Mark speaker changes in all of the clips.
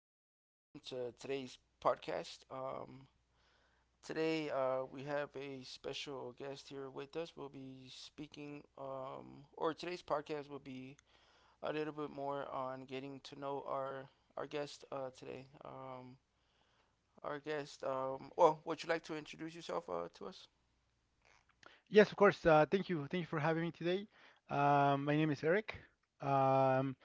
Speaker 1: Welcome to today's podcast. Today we have a special guest here with us. We'll be speaking, or today's podcast will be a little bit more on getting to know our guest today. Our guest. Well, would you like to introduce yourself to us?
Speaker 2: Yes, of course. Thank you. Thank you for having me today. My name is Eric. Um,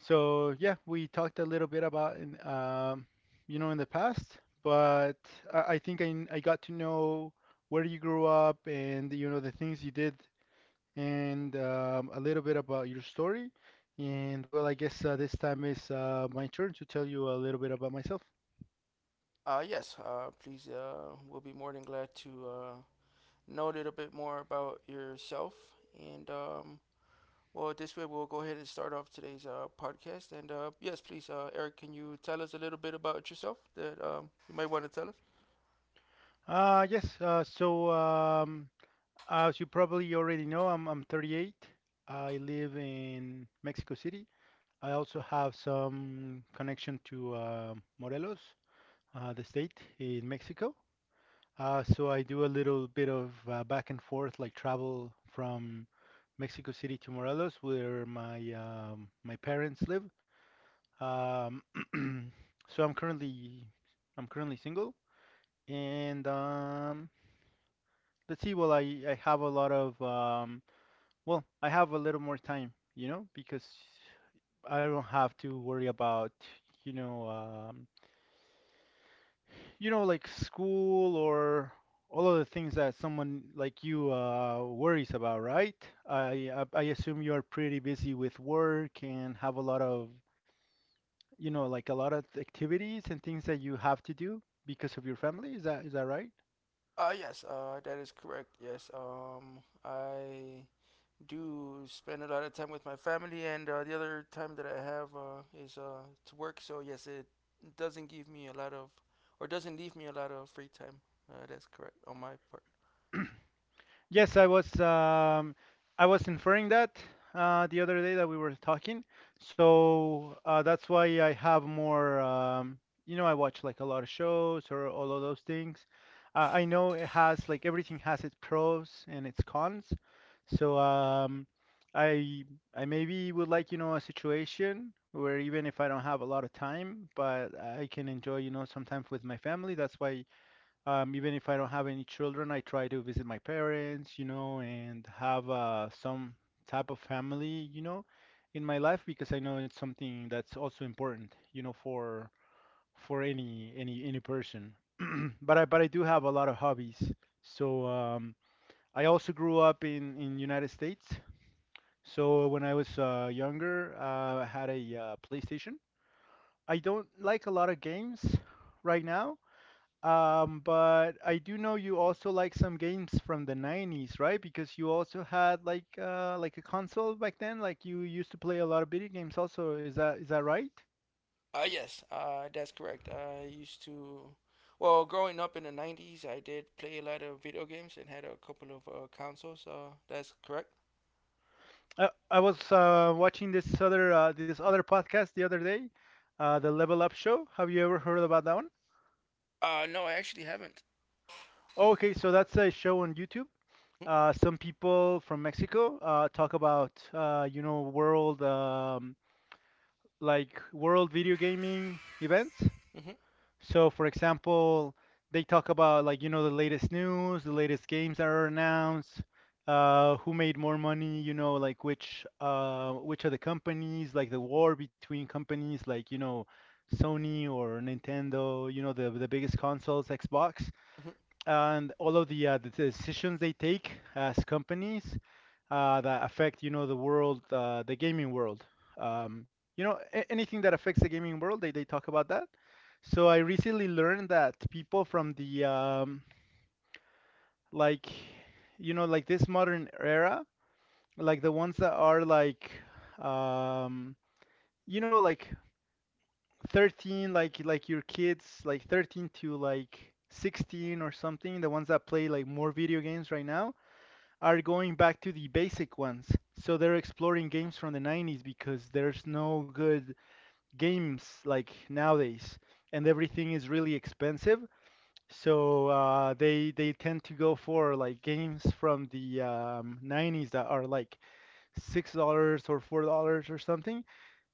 Speaker 2: so yeah, we talked a little bit about in, you know, in the past, but I think I got to know where you grew up and you know the things you did and, a little bit about your story. And well, I guess this time is my turn to tell you a little bit about myself.
Speaker 1: Yes. Please. We'll be more than glad to know a little bit more about yourself and well, this way we'll go ahead and start off today's podcast. And yes, please, Eric, can you tell us a little bit about yourself that you might want to tell us?
Speaker 2: Yes. As you probably already know, I'm 38. I live in Mexico City. I also have some connection to Morelos, the state in Mexico. So I do a little bit of back and forth, like travel from Mexico City to Morelos, where my my parents live. Um, so I'm currently single, and, let's see. Well, I have a lot of, well, I have a little more time, you know, because I don't have to worry about, you know, um, like school or all of the things that someone like you worries about, right? I assume you are pretty busy with work and have a lot of, like a lot of activities and things that you have to do because of your family. Is that right?
Speaker 1: Yes, that is correct. Yes, I do spend a lot of time with my family, and the other time that I have is to work. So yes, it doesn't give me a lot of, or doesn't leave me a lot of free time. That's correct on my part.
Speaker 2: Yes, I was, I was inferring that the other day that we were talking. So that's why I have more. I watch like a lot of shows or all of those things. I know it has like everything has its pros and its cons. So I I maybe would like, you know, a situation where even if I don't have a lot of time, but I can enjoy, you know, some time with my family. That's why, even if I don't have any children, I try to visit my parents, you know, and have some type of family, you know, in my life because I know it's something that's also important, you know, for any person. But I do have a lot of hobbies. So I also grew up in United States. So when I was younger, I had a PlayStation. I don't like a lot of games right now. But I do know you also like some games from the 90s, right? Because you also had like a console back then, like you used to play a lot of video games also. Is that right?
Speaker 1: Yes, that's correct. I used to, well, growing up in the 90s, I did play a lot of video games and had a couple of consoles. That's correct.
Speaker 2: I was watching this other podcast the other day, the Level Up show. Have you ever heard about that one?
Speaker 1: No, I actually haven't.
Speaker 2: Okay, so that's a show on YouTube. Some people from Mexico talk about, you know, world, like world video gaming events.
Speaker 1: Mm-hmm.
Speaker 2: So, for example, they talk about, like, you know, the latest news, the latest games that are announced, who made more money, you know, like which, which are the companies, like the war between companies, like, you know, Sony or Nintendo, you know, the biggest consoles, Xbox,
Speaker 1: Hmm.
Speaker 2: and all of the, decisions they take as companies that affect, you know, the world, the gaming world. You know, anything that affects the gaming world, they talk about that. So I recently learned that people from the, like, you know, like this modern era, like the ones that are like, um, you know, like 13, like your kids, like 13 to like 16 or something, the ones that play like more video games right now, are going back to the basic ones. So they're exploring games from the 90s because there's no good games like nowadays, and everything is really expensive. So they tend to go for like games from the, 90s that are like $6 or $4 or something.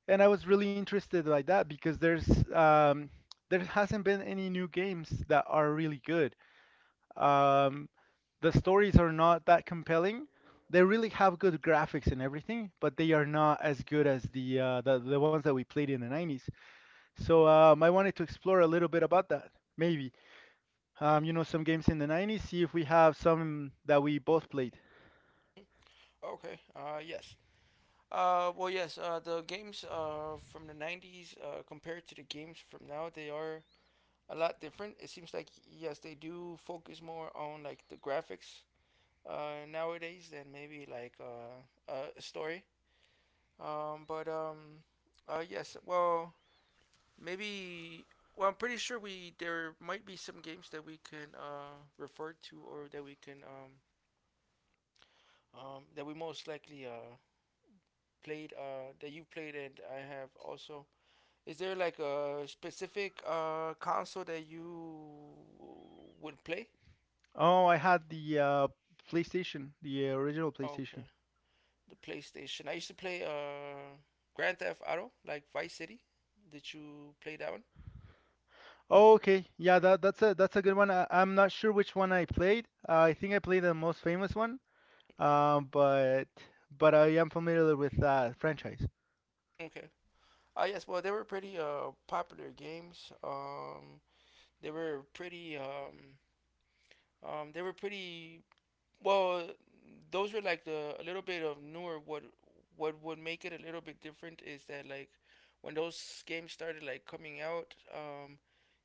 Speaker 2: And I was really interested by that because um, there hasn't been any new games that are really good. Um, the stories are not that compelling. They really have good graphics and everything, but they are not as good as the, the ones that we played in the 90s. So I wanted to explore a little bit about that. Maybe, you know, some games in the 90s. See if we have some that we both played.
Speaker 1: Okay. Yes. Well, yes. The games from the 90s compared to the games from now, they are a lot different. It seems like yes, they do focus more on like the graphics nowadays than maybe like a story. But, yes. Well, maybe. Well, I'm pretty sure we there might be some games that we can refer to or that we can that we most likely played that you played and I have also. Is there like a specific console that you would play?
Speaker 2: Oh, I had the PlayStation, the original PlayStation.
Speaker 1: Okay, the PlayStation. I used to play Grand Theft Auto, like Vice City. Did you play that one?
Speaker 2: Oh, okay. Yeah, that's a good one. I'm not sure which one I played. I think I played the most famous one. Um, but but I am familiar with that franchise.
Speaker 1: Okay. Yes, well, they were pretty popular games. They were pretty. They were pretty. Well, those were like the a little bit of newer. What would make it a little bit different is that like when those games started like coming out,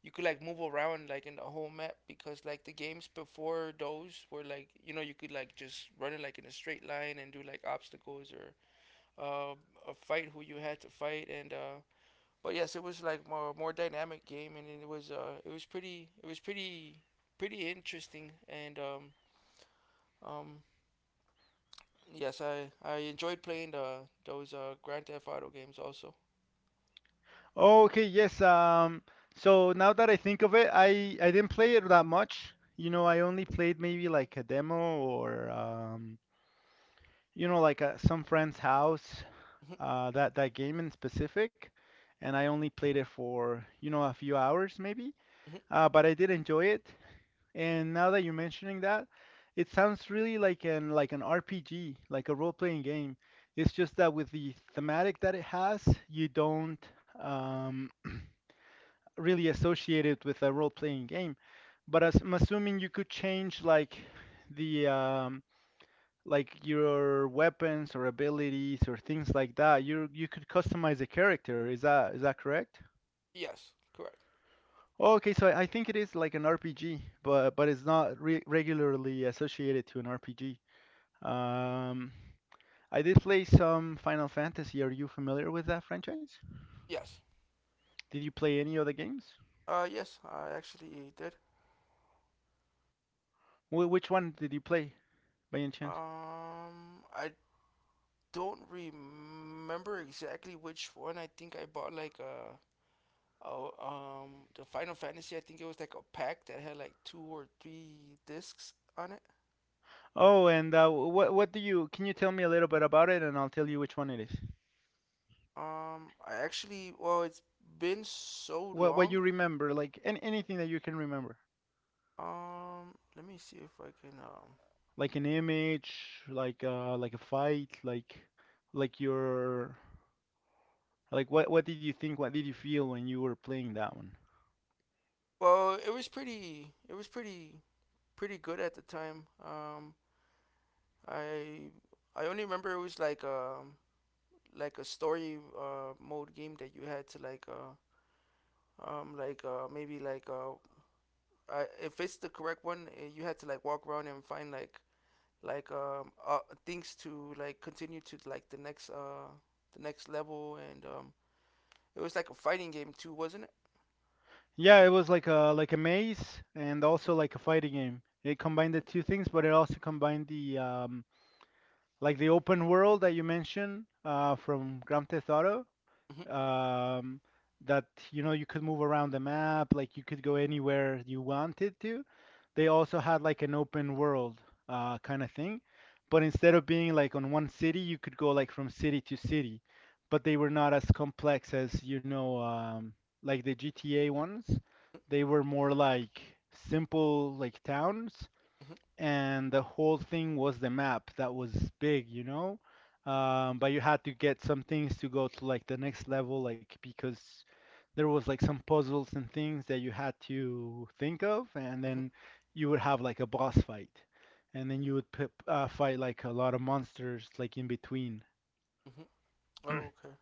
Speaker 1: you could like move around like in the whole map because like the games before those were like, you know, you could like just run it like in a straight line and do like obstacles or uh, a fight who you had to fight and but yes, it was like more dynamic game, and it was pretty interesting, and um yes, I enjoyed playing the those Grand Theft Auto games also.
Speaker 2: Okay, yes. So now that I think of it, I didn't play it that much. You know, I only played maybe like a demo or, you know, like a some friend's house. That that game in specific, and I only played it for, you know, a few hours maybe. But I did enjoy it. And now that you're mentioning that, it sounds really like an RPG, like a role-playing game. It's just that with the thematic that it has, you don't. Um, Really associated with a role-playing game. But as, I'm assuming you could change like the, like your weapons or abilities or things like that. You could customize a character. Is that correct?
Speaker 1: Yes, correct.
Speaker 2: Okay, so I think it is like an RPG, but it's not re regularly associated to an RPG. Um, I did play some Final Fantasy. Are you familiar with that franchise?
Speaker 1: Yes.
Speaker 2: Did you play any other games?
Speaker 1: Yes, I actually did.
Speaker 2: Which one did you play by any chance?
Speaker 1: I don't remember exactly which one. I think I bought like a Oh, the Final Fantasy. I think it was like a pack that had like two or three discs on it.
Speaker 2: Oh, and what do you can you tell me a little bit about it, and I'll tell you which one it is.
Speaker 1: I actually, well, it's been so
Speaker 2: What
Speaker 1: long.
Speaker 2: you remember, like an anything that you can remember,
Speaker 1: Let me see if I can. Um,
Speaker 2: like an image, like a fight, like your like what did you think, what did you feel when you were playing that one?
Speaker 1: well, it was pretty. It was pretty good at the time. I I only remember it was like a story mode game that you had to like maybe like if it's the correct one you had to like walk around and find like like um uh, things to like continue to like the next level and It was like a fighting game too, wasn't it?
Speaker 2: Yeah, it was like a maze and also like a fighting game. It combined the two things, but it also combined the, like the open world that you mentioned from Grand Theft Auto,
Speaker 1: Mm-hmm.
Speaker 2: um, that, you know, you could move around the map, like you could go anywhere you wanted to. They also had like an open world, kind of thing, but instead of being like on one city, you could go like from city to city. But they were not as complex as, you know, like the GTA ones. They were more like simple like towns,
Speaker 1: Mm-hmm.
Speaker 2: and the whole thing was the map that was big, you know? But you had to get some things to go to like the next level, like because there was like some puzzles and things that you had to think of, and
Speaker 1: Mm-hmm.
Speaker 2: then you would have like a boss fight, and then you would p fight like a lot of monsters like in between.
Speaker 1: Mm-hmm. Oh, okay.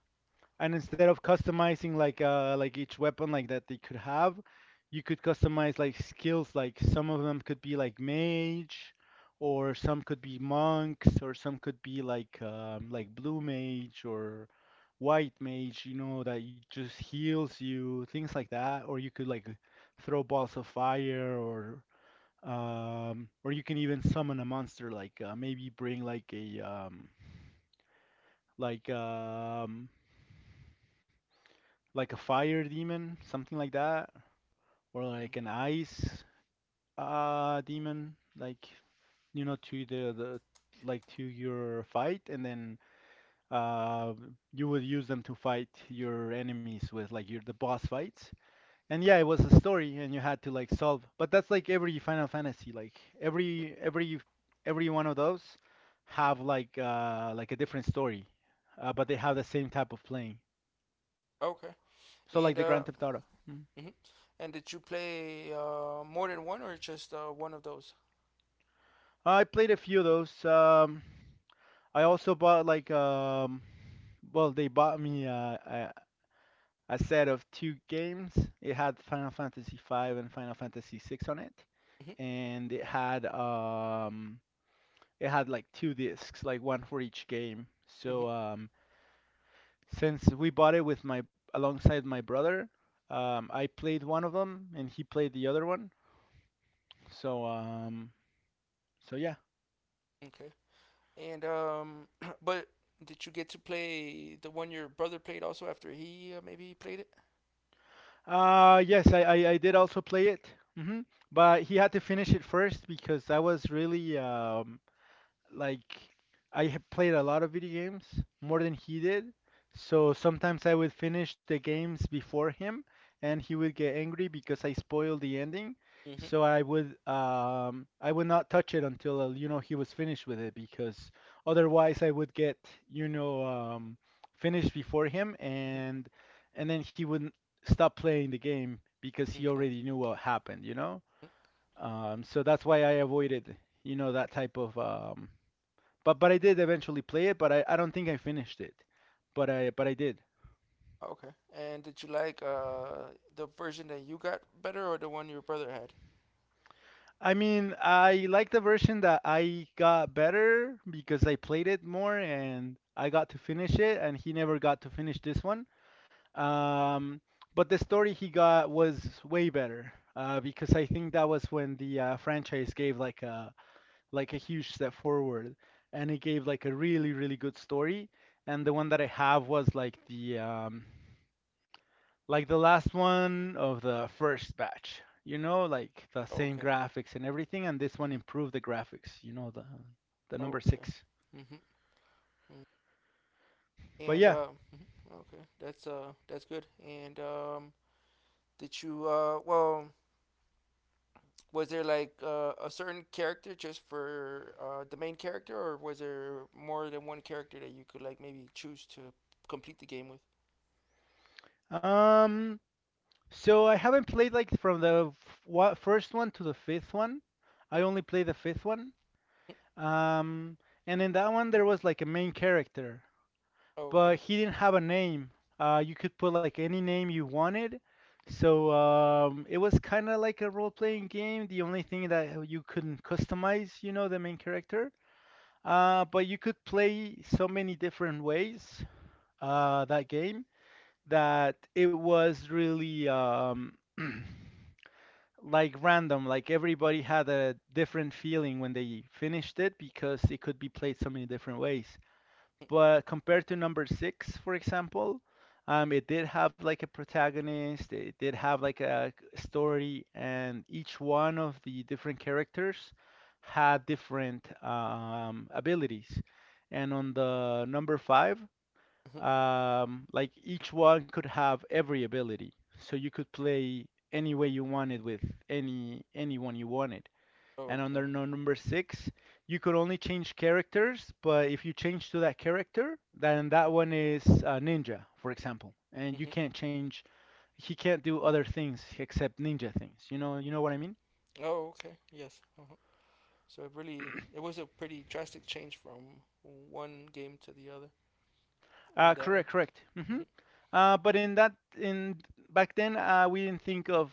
Speaker 2: And instead of customizing like each weapon like that they could have, you could customize like skills, like some of them could be like mage or some could be monks or some could be like, like blue mage or white mage, you know, that you just heals you, things like that, or you could like throw balls of fire or, or you can even summon a monster, like maybe bring like a, like, like a fire demon, something like that, or
Speaker 1: Mhm.
Speaker 2: like an ice demon, like, you know, to the, like, to your fight, and then uh you would use them to fight your enemies with like your the boss fights. And yeah, it was a story, and you had to like solve. But that's like every Final Fantasy, like every every every one of those have like a different story, but they have the same type of playing.
Speaker 1: Okay.
Speaker 2: So like the
Speaker 1: And
Speaker 2: Grand
Speaker 1: uh,
Speaker 2: Theft Auto. Mm-hmm.
Speaker 1: hmm and did you play more than one or just one of those?
Speaker 2: I played a few of those. I also bought like, well, they bought me a, a set of two games. It had Final Fantasy V and Final Fantasy VI on it,
Speaker 1: Mm-hmm.
Speaker 2: and it had, it had like two discs, like one for each game. So
Speaker 1: Mm-hmm.
Speaker 2: um, since we bought it with my alongside my brother, I played one of them and he played the other one. So so yeah.
Speaker 1: Okay. And But did you get to play the one your brother played also after he maybe played it?
Speaker 2: Yes, I did also play it. hmm But he had to finish it first because I was really, like, I have played a lot of video games more than he did. So sometimes I would finish the games before him, and he would get angry because I spoiled the ending.
Speaker 1: Mm-hmm.
Speaker 2: So I would not touch it until you know he was finished with it because otherwise I would get you know um, finished before him,
Speaker 1: Mm-hmm. Mm-hmm.
Speaker 2: and then he wouldn't stop playing the game because he
Speaker 1: Okay.
Speaker 2: already knew what happened, you know.
Speaker 1: Mhm.
Speaker 2: So that's why I avoided you know that type of but I did eventually play it, but I don't think I finished it. But I did.
Speaker 1: Okay. And did you like the version that you got better or the one your brother had?
Speaker 2: I mean, I like the version that I got better because I played it more and I got to finish it, and he never got to finish this one. Um, but the story he got was way better because I think that was when the franchise gave like a huge step forward, and it gave like a really really good story. And the one that I have was like the last one of the first batch. You know, like the same
Speaker 1: Okay.
Speaker 2: graphics and everything, and this one
Speaker 1: Mm-hmm.
Speaker 2: improved the graphics. You know, the number
Speaker 1: Okay.
Speaker 2: six.
Speaker 1: Mm-hmm.
Speaker 2: But
Speaker 1: And
Speaker 2: yeah,
Speaker 1: okay, that's good. And did you well, Was there like a certain character just for the main character, or was there more than one character that you could like maybe choose to complete the game with?
Speaker 2: um, so I haven't played like from the first one to the fifth one. I only played the fifth one. Um, and in that one there was like a main character, but
Speaker 1: Okay.
Speaker 2: he didn't have a name. You could put like any name you wanted. So it was kind of like a role-playing game. The only thing that you couldn't customize, you know, the main character. But you could play so many different ways that game that it was really like random. Like everybody had a different feeling when they finished it because it could be played so many different ways. But compared to number six, for example, it did have like a protagonist, it did have like a story, and each one of the different characters had different abilities. And on the number five, like each one could have every ability, so you could play any way you wanted with any anyone you wanted. And under
Speaker 1: Okay.
Speaker 2: number six, you could only change characters, but if you change to that character, then that one is ninja, for example, and you can't change. He can't do other things except ninja things. You know what I mean?
Speaker 1: Oh, okay. Yes. So it was a pretty drastic change from one game to the other
Speaker 2: Uh,
Speaker 1: in that way.
Speaker 2: correct, correct. But in back then, we didn't think of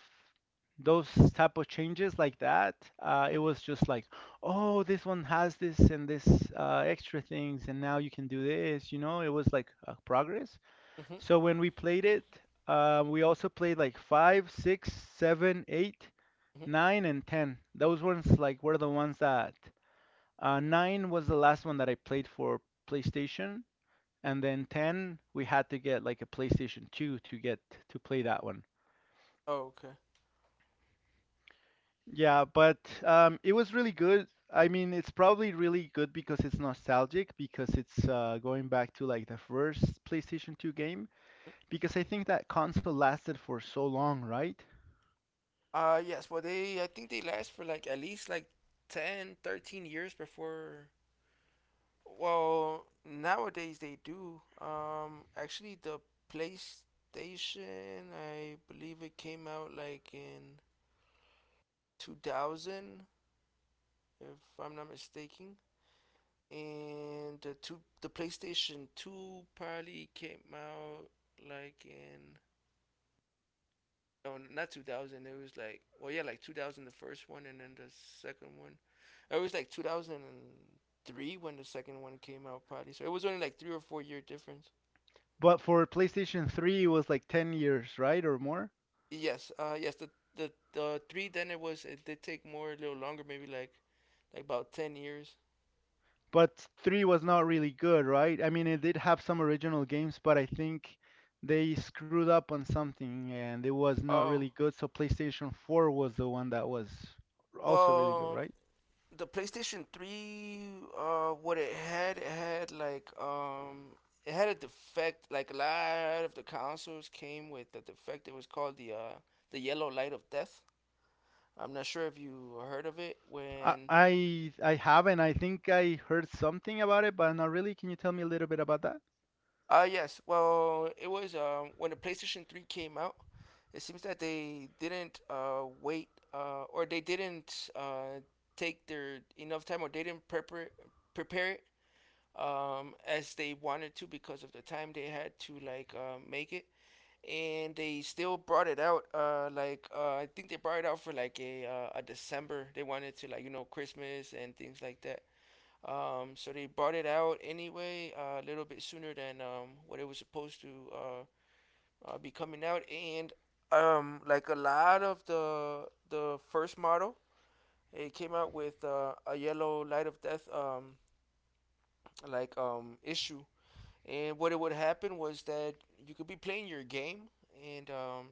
Speaker 2: those type of changes like that. It was just like, oh, this one has this and this extra things, and now you can do this. You know, it was like progress. So when we played it, we also played like five, six, seven, eight, nine, and 10. Those ones like were the ones that 9 was the last one that I played for PlayStation, and then 10 we had to get like a PlayStation 2 to get to play that one.
Speaker 1: Oh, okay.
Speaker 2: Yeah, but it was really good. I mean, it's probably really good because it's nostalgic, because it's going back to like the first PlayStation 2 game, because I think that console lasted for so long, right?
Speaker 1: Yes, but I think they last for like at least like 10, 13 years before. Well, nowadays they do. Actually, the PlayStation, I believe it came out like in 2000, if I'm not mistaken. And the PlayStation 2 probably came out like in no, not 2000. It was like, well, yeah, like 2000, the first one, and then the second one. It was like 2003 when the second one came out, probably. So it was only like 3 or 4 year difference.
Speaker 2: But for PlayStation 3, it was like 10 years, right? Or more?
Speaker 1: Yes, yes, the three then it did take more a little longer, maybe like about 10 years.
Speaker 2: But 3 was not really good, right? I mean, it did have some original games, but I think they screwed up on something and it was not
Speaker 1: Oh,
Speaker 2: really good. So PlayStation 4 was the one that was also really good,
Speaker 1: well,
Speaker 2: right?
Speaker 1: the PlayStation 3 what it had like it had a defect, like a lot of the consoles came with a defect. It was called the yellow light of death. I'm not sure if you heard of it
Speaker 2: I
Speaker 1: when
Speaker 2: I, I haven't. I think I heard something about it, but not really. Can you tell me a little bit about that?
Speaker 1: yes, well, it was when the PlayStation 3 came out. It seems that they didn't wait, or they didn't take their enough time, or they didn't prepare it as they wanted to because of the time they had to like make it, and they still brought it out. Like I think they brought it out for like a December. They wanted to, like, you know, Christmas and things like that. So they brought it out anyway, a little bit sooner than what it was supposed to uh, be coming out. And like a lot of the first model, it came out with a yellow light of death like issue. And what it would happen was that you could be playing your game, and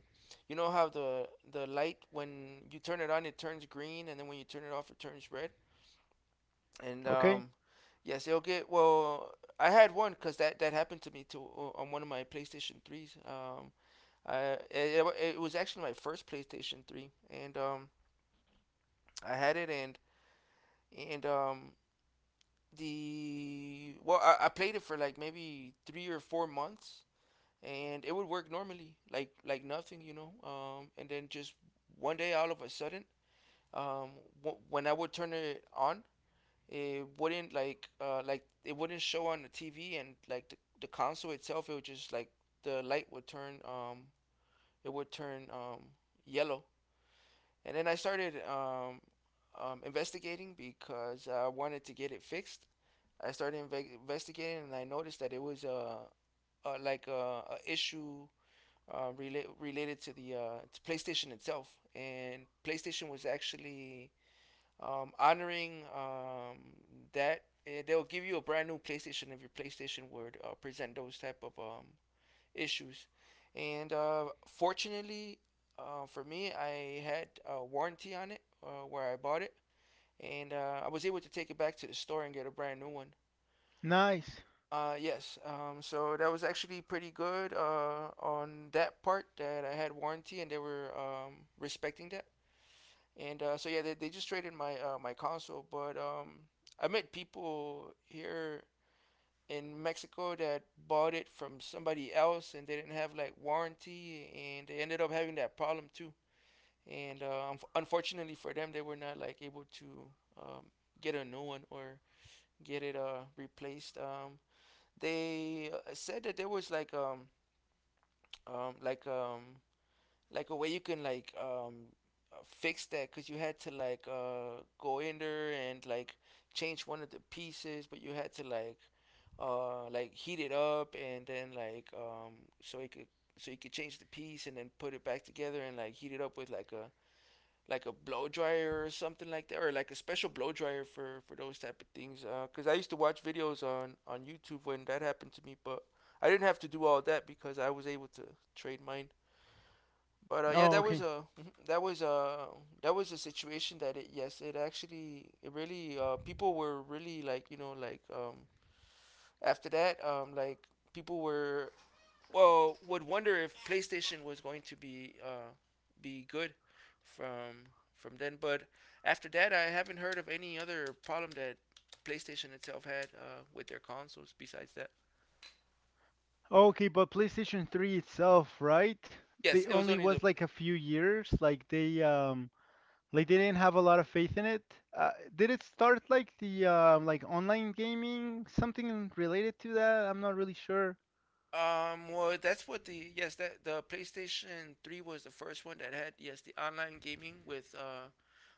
Speaker 1: you know how the light, when you turn it on, it turns green, and then when you turn it off it turns red. And
Speaker 2: Okay.
Speaker 1: Yes, it'll get well. I had one because that happened to me too on one of my PlayStation threes. I It was actually my first PlayStation three, and I had it and the well, I played it for like maybe 3 or 4 months and it would work normally, like nothing, you know. And then just one day, all of a sudden, um, when I would turn it on, it wouldn't like it wouldn't show on the TV, and like the console itself, it would just, like, the light would turn it would turn yellow. And then I started investigating because I wanted to get it fixed. I started investigating, and I noticed that it was a like a issue related to the to PlayStation itself, and PlayStation was actually honoring that. They'll give you a brand new PlayStation if your PlayStation would present those type of issues. And fortunately for me, I had a warranty on it where I bought it, and I was able to take it back to the store and get a brand new one.
Speaker 2: Nice.
Speaker 1: Yes. So that was actually pretty good on that part that I had warranty and they were respecting that. And so yeah, they just traded my my console, but I met people here in Mexico that bought it from somebody else and they didn't have like warranty and they ended up having that problem too. And unfortunately for them, they were not like able to um, get a new one or get it replaced. They said that there was like um like um like a way you can, like, fix that, because you had to, like, go in there and like change one of the pieces, but you had to like heat it up and then like so it could so you could change the piece and then put it back together and like heat it up with like a blow dryer or something like that, or like a special blow dryer for those type of things. Cause I used to watch videos on YouTube when that happened to me, but I didn't have to do all that because I was able to trade mine. But yeah,
Speaker 2: Oh,
Speaker 1: that was
Speaker 2: okay.
Speaker 1: a that was a that was a situation that it yes it actually it really people were really after that, people were, well, would wonder if PlayStation was going to be good from then. But after that, I haven't heard of any other problem that PlayStation itself had with their consoles. Besides that,
Speaker 2: Okay, but PlayStation 3 itself, right? They
Speaker 1: yes, it was
Speaker 2: only
Speaker 1: only the
Speaker 2: was like a few years, like they didn't have a lot of faith in it. Did it start like the like online gaming, something related to that? I'm not really sure.
Speaker 1: um. Well, that's what the, yes, that the PlayStation Three was the first one that had, yes, the online gaming with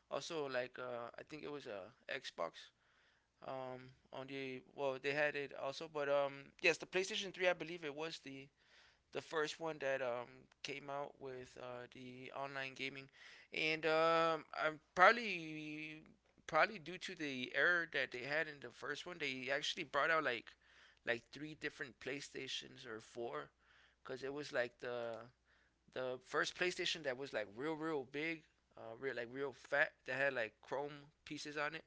Speaker 1: also like I think it was a Xbox. On the, well, they had it also, but yes, the PlayStation Three I believe it was the first one that came out with the online gaming, and I'm probably probably due to the error that they had in the first one, they actually brought out like three different PlayStations or four, because it was like the first PlayStation that was like real real big, real like real fat that had like chrome pieces on it,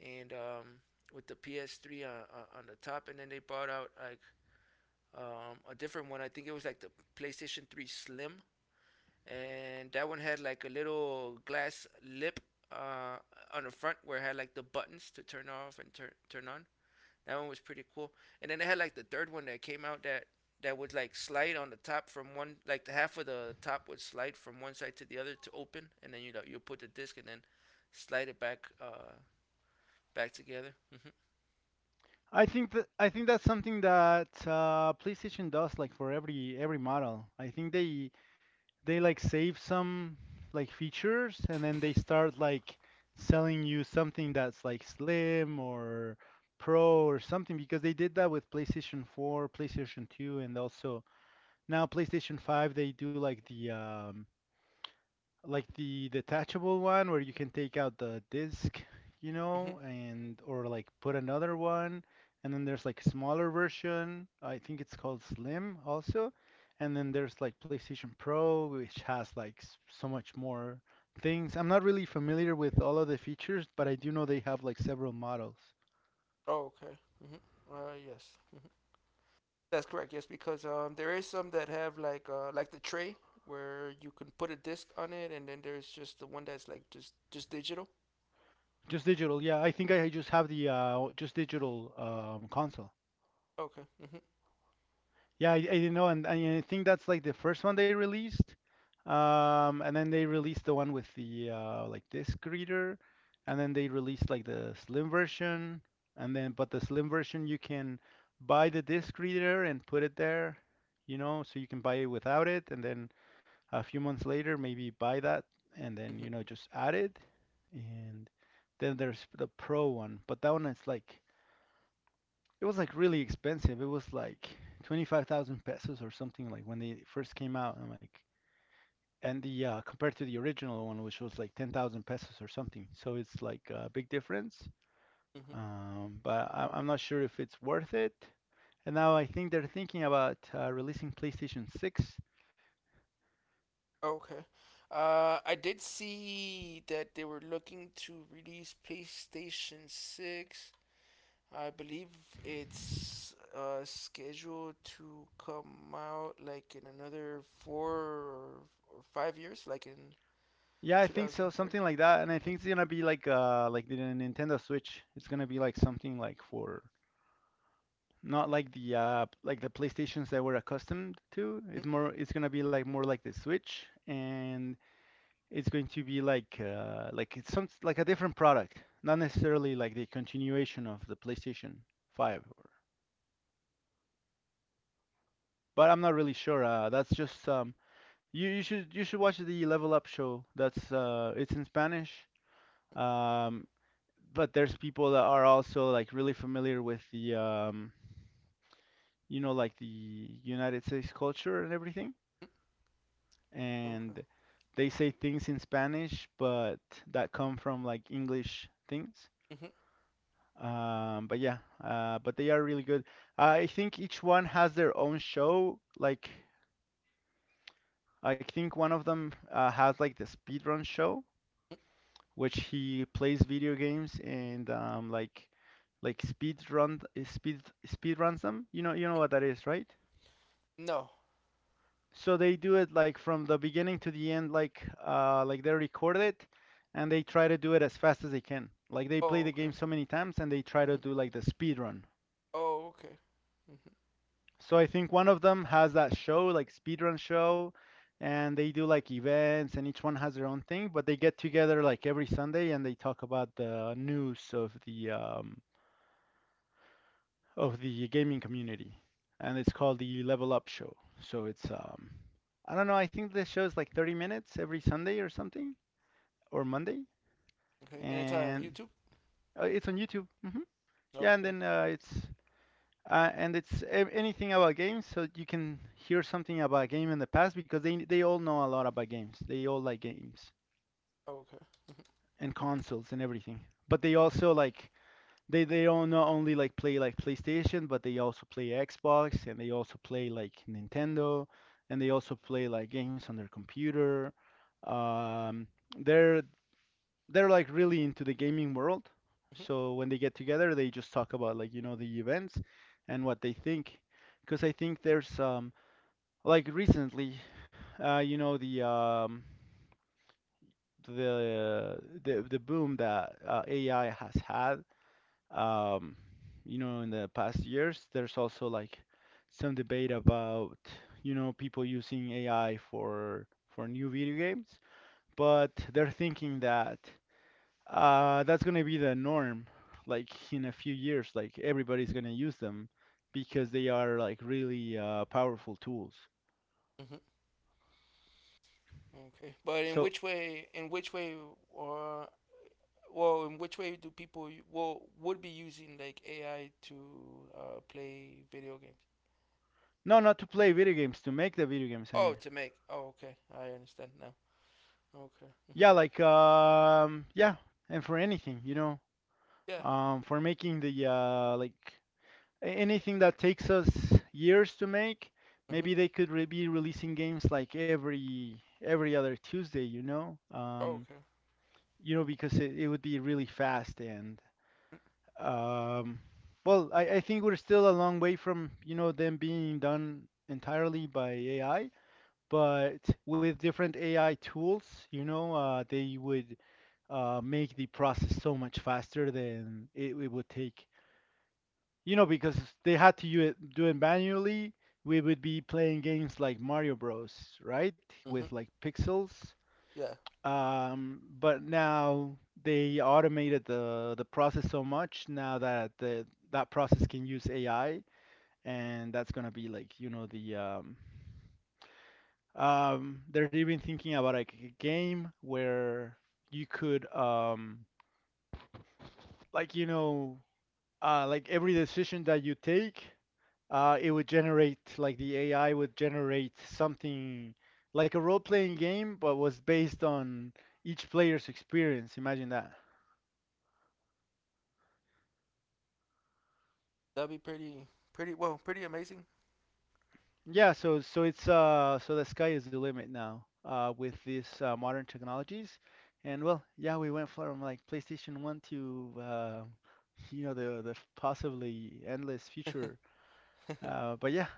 Speaker 1: and with the PS3 on the top, and then they brought out like a different one. I think it was like the PlayStation 3 Slim, and that one had like a little glass lip uh, on the front where it had like the buttons to turn off and turn on. That one was pretty cool. And then they had like the third one that came out that that would like slide on the top from one, like the half of the top would slide from one side to the other to open, and then you know you put the disc and then slide it back back together. Mm-hmm.
Speaker 2: I think that's something that PlayStation does like for every model. I think they like save some like features and then they start like selling you something that's like slim or pro or something because they did that with PlayStation 4, PlayStation 2 and also now PlayStation 5 they do like the detachable one where you can take out the disc, you
Speaker 1: Mm-hmm.
Speaker 2: know, and or like put another one. And then there's like smaller version. I think it's called Slim also. And then there's like PlayStation Pro, which has like so much more things. I'm not really familiar with all of the features, but I do know they have like several models.
Speaker 1: Oh, okay. Mm-hmm. Yes. Mm-hmm. That's correct. Yes, because there is some that have like the tray where you can put a disc on it, and then there's just the one that's like just digital.
Speaker 2: Just digital, yeah. I think I just have the just digital console.
Speaker 1: Okay. Mm-hmm.
Speaker 2: Yeah, I didn't know, and I think that's like the first one they released. And then they released the one with the like disc reader,
Speaker 1: Mm-hmm.
Speaker 2: and then they released like the slim version, and then but the slim version you can buy the disc reader and put it there, you know, so you can buy it without it, and then a few months later maybe buy that, and then you
Speaker 1: Mm-hmm.
Speaker 2: know just add it, and then there's the pro one, but that one is like it was like really expensive. It was like 25,000 pesos or something like when they first came out. And like, and the compared to the original one, which was like 10,000 pesos or something. So it's like a big difference.
Speaker 1: mm-hmm.
Speaker 2: But I'm not sure if it's worth it. And now I think they're thinking about releasing PlayStation 6.
Speaker 1: Okay. I did see that they were looking to release PlayStation Six. I believe it's scheduled to come out like in another or 5 years, like in
Speaker 2: Yeah, I think so,
Speaker 1: 2030.
Speaker 2: something like that. And I
Speaker 1: Mm-hmm.
Speaker 2: think it's gonna be like the Nintendo Switch. It's gonna be like something like for not like the like the PlayStations that we're accustomed to.
Speaker 1: Mm-hmm.
Speaker 2: It's
Speaker 1: mm-hmm.
Speaker 2: more it's gonna be like more like the Switch and it's going to be like it's some like a different product. Not necessarily like the continuation of the PlayStation 5 or but I'm not really sure. That's just You should watch the Level Up show. That's it's in Spanish. Um, but there's people that are also like really familiar with the you know like the United States culture and everything
Speaker 1: Okay.
Speaker 2: and they say things in Spanish, but that come from like English things.
Speaker 1: Mm-hmm.
Speaker 2: But yeah, but they are really good. I think each one has their own show. Like, I think one of them has like the speedrun show, which he plays video games and like speed run speed runs them. You know
Speaker 1: Mm-hmm.
Speaker 2: what that is, right?
Speaker 1: No.
Speaker 2: So they do it like from the beginning to the end, like they record it, and they try to do it as fast as they can. Like they play
Speaker 1: Oh,
Speaker 2: the game
Speaker 1: okay.
Speaker 2: so many times, and they try to
Speaker 1: hmm
Speaker 2: do like the speed run.
Speaker 1: Oh, okay. hmm
Speaker 2: So I think one of them has that show, like speed run show, and they do like events, and each one has their own thing. But they get together like every Sunday, and they talk about the news of the gaming community, and it's called the Level Up Show. So it's I don't know. I think the show is like 30 minutes every Sunday or something, or Monday,
Speaker 1: Okay. And it's on
Speaker 2: and
Speaker 1: YouTube.
Speaker 2: it's on YouTube.
Speaker 1: Oh,
Speaker 2: Yeah, and
Speaker 1: okay.
Speaker 2: then it's and it's anything about games, so you can hear something about a game in the past because they all know a lot about games. They all like games
Speaker 1: Oh, okay.
Speaker 2: and consoles and everything. But they also like they don't not only like play like PlayStation, but they also play Xbox and they also play like Nintendo and they also play like games on their computer. Um, they're they're like really into the gaming world.
Speaker 1: hmm
Speaker 2: So when they get together, they just talk about like you know the events and what they think. Because I think there's like recently, you know the the the boom that AI has had. Um, you know in the past years, there's also like some debate about you know people using AI for new video games, but they're thinking that that's gonna be the norm, like in a few years, like everybody's gonna use them because they are like really powerful tools.
Speaker 1: hmm hmm Okay. But in
Speaker 2: So,
Speaker 1: which way? In which way? Uh, well, in which way do people would be using like AI to play video games?
Speaker 2: no, not to play video games, to make the video games, I
Speaker 1: Oh,
Speaker 2: mean.
Speaker 1: to make. Oh, okay. I understand now. Okay. hmm
Speaker 2: Yeah, like um, yeah, and for anything,
Speaker 1: Yeah.
Speaker 2: for making the like anything that takes us years to make,
Speaker 1: hmm
Speaker 2: maybe they could re be releasing games like every other Tuesday,
Speaker 1: Oh, okay.
Speaker 2: because it would be really fast and Um, well, I think we're still a long way from, you know, them being done entirely by AI, but with different AI tools, they would make the process so much faster than it would take. You know, because they had to do it manually, we would be playing games like Mario Bros, right?
Speaker 1: hmm
Speaker 2: With like pixels.
Speaker 1: Yeah.
Speaker 2: But now they automated the process so much now that the that process can use AI, and that's gonna be like, they're even thinking about like a game where you could like you know, like every decision that you take, it would generate like the AI would generate something like a role-playing game, but was based on each player's experience. Imagine that.
Speaker 1: That'd be pretty amazing.
Speaker 2: Yeah, so it's so the sky is the limit now with these modern technologies, and well, yeah, we went from like PlayStation 1 to you know the possibly endless future. But yeah,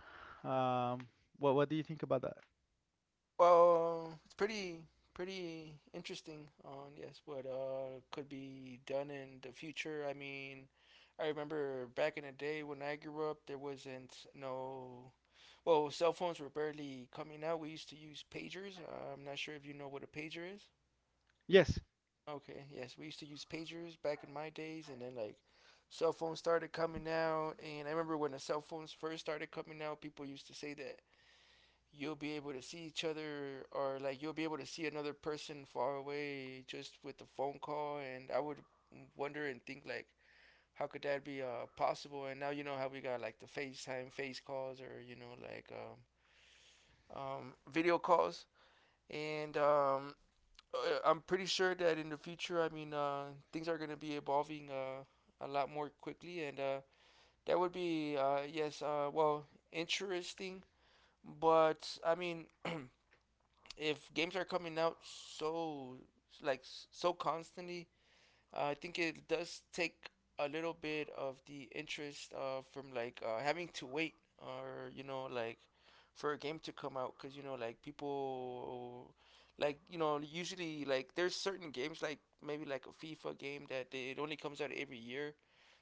Speaker 2: um, what do you think about that?
Speaker 1: Well, it's pretty interesting on, yes, what could be done in the future. I mean, I remember back in the day when I grew up, there wasn't no, well, cell phones were barely coming out. We used to use pagers. I'm not sure if you know what a pager is.
Speaker 2: Yes,
Speaker 1: Okay, yes, we used to use pagers back in my days, and then like cell phones started coming out. And I remember when the cell phones first started coming out, people used to say that you'll be able to see each other, or like you'll be able to see another person far away just with a phone call. And I would wonder and think like, how could that be possible? And now you know how we got like the facetime face calls, or you know like video calls. And I'm pretty sure that in the future, I mean, things are going to be evolving a lot more quickly. And That would be yes, well, interesting. But I mean, if games are coming out so so constantly, I think it does take a little bit of the interest from like having to wait, or you know like for a game to come out. Because you know like people, like you know, usually like there's certain games like maybe like a FIFA game that they, it only comes out every year,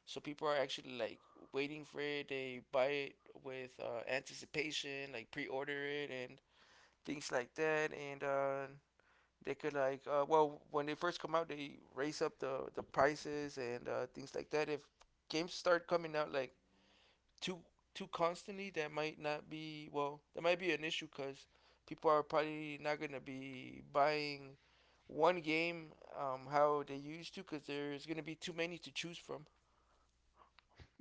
Speaker 1: so people are actually like waiting for it. They buy it with anticipation, like pre-order it, and things like that, and they could like well, when they first come out, they raise up the prices and things like that. If games start coming out like too too constantly, that might not be well. That might be an issue because people are probably not gonna be buying one game how they used to, because there's gonna be too many to choose from.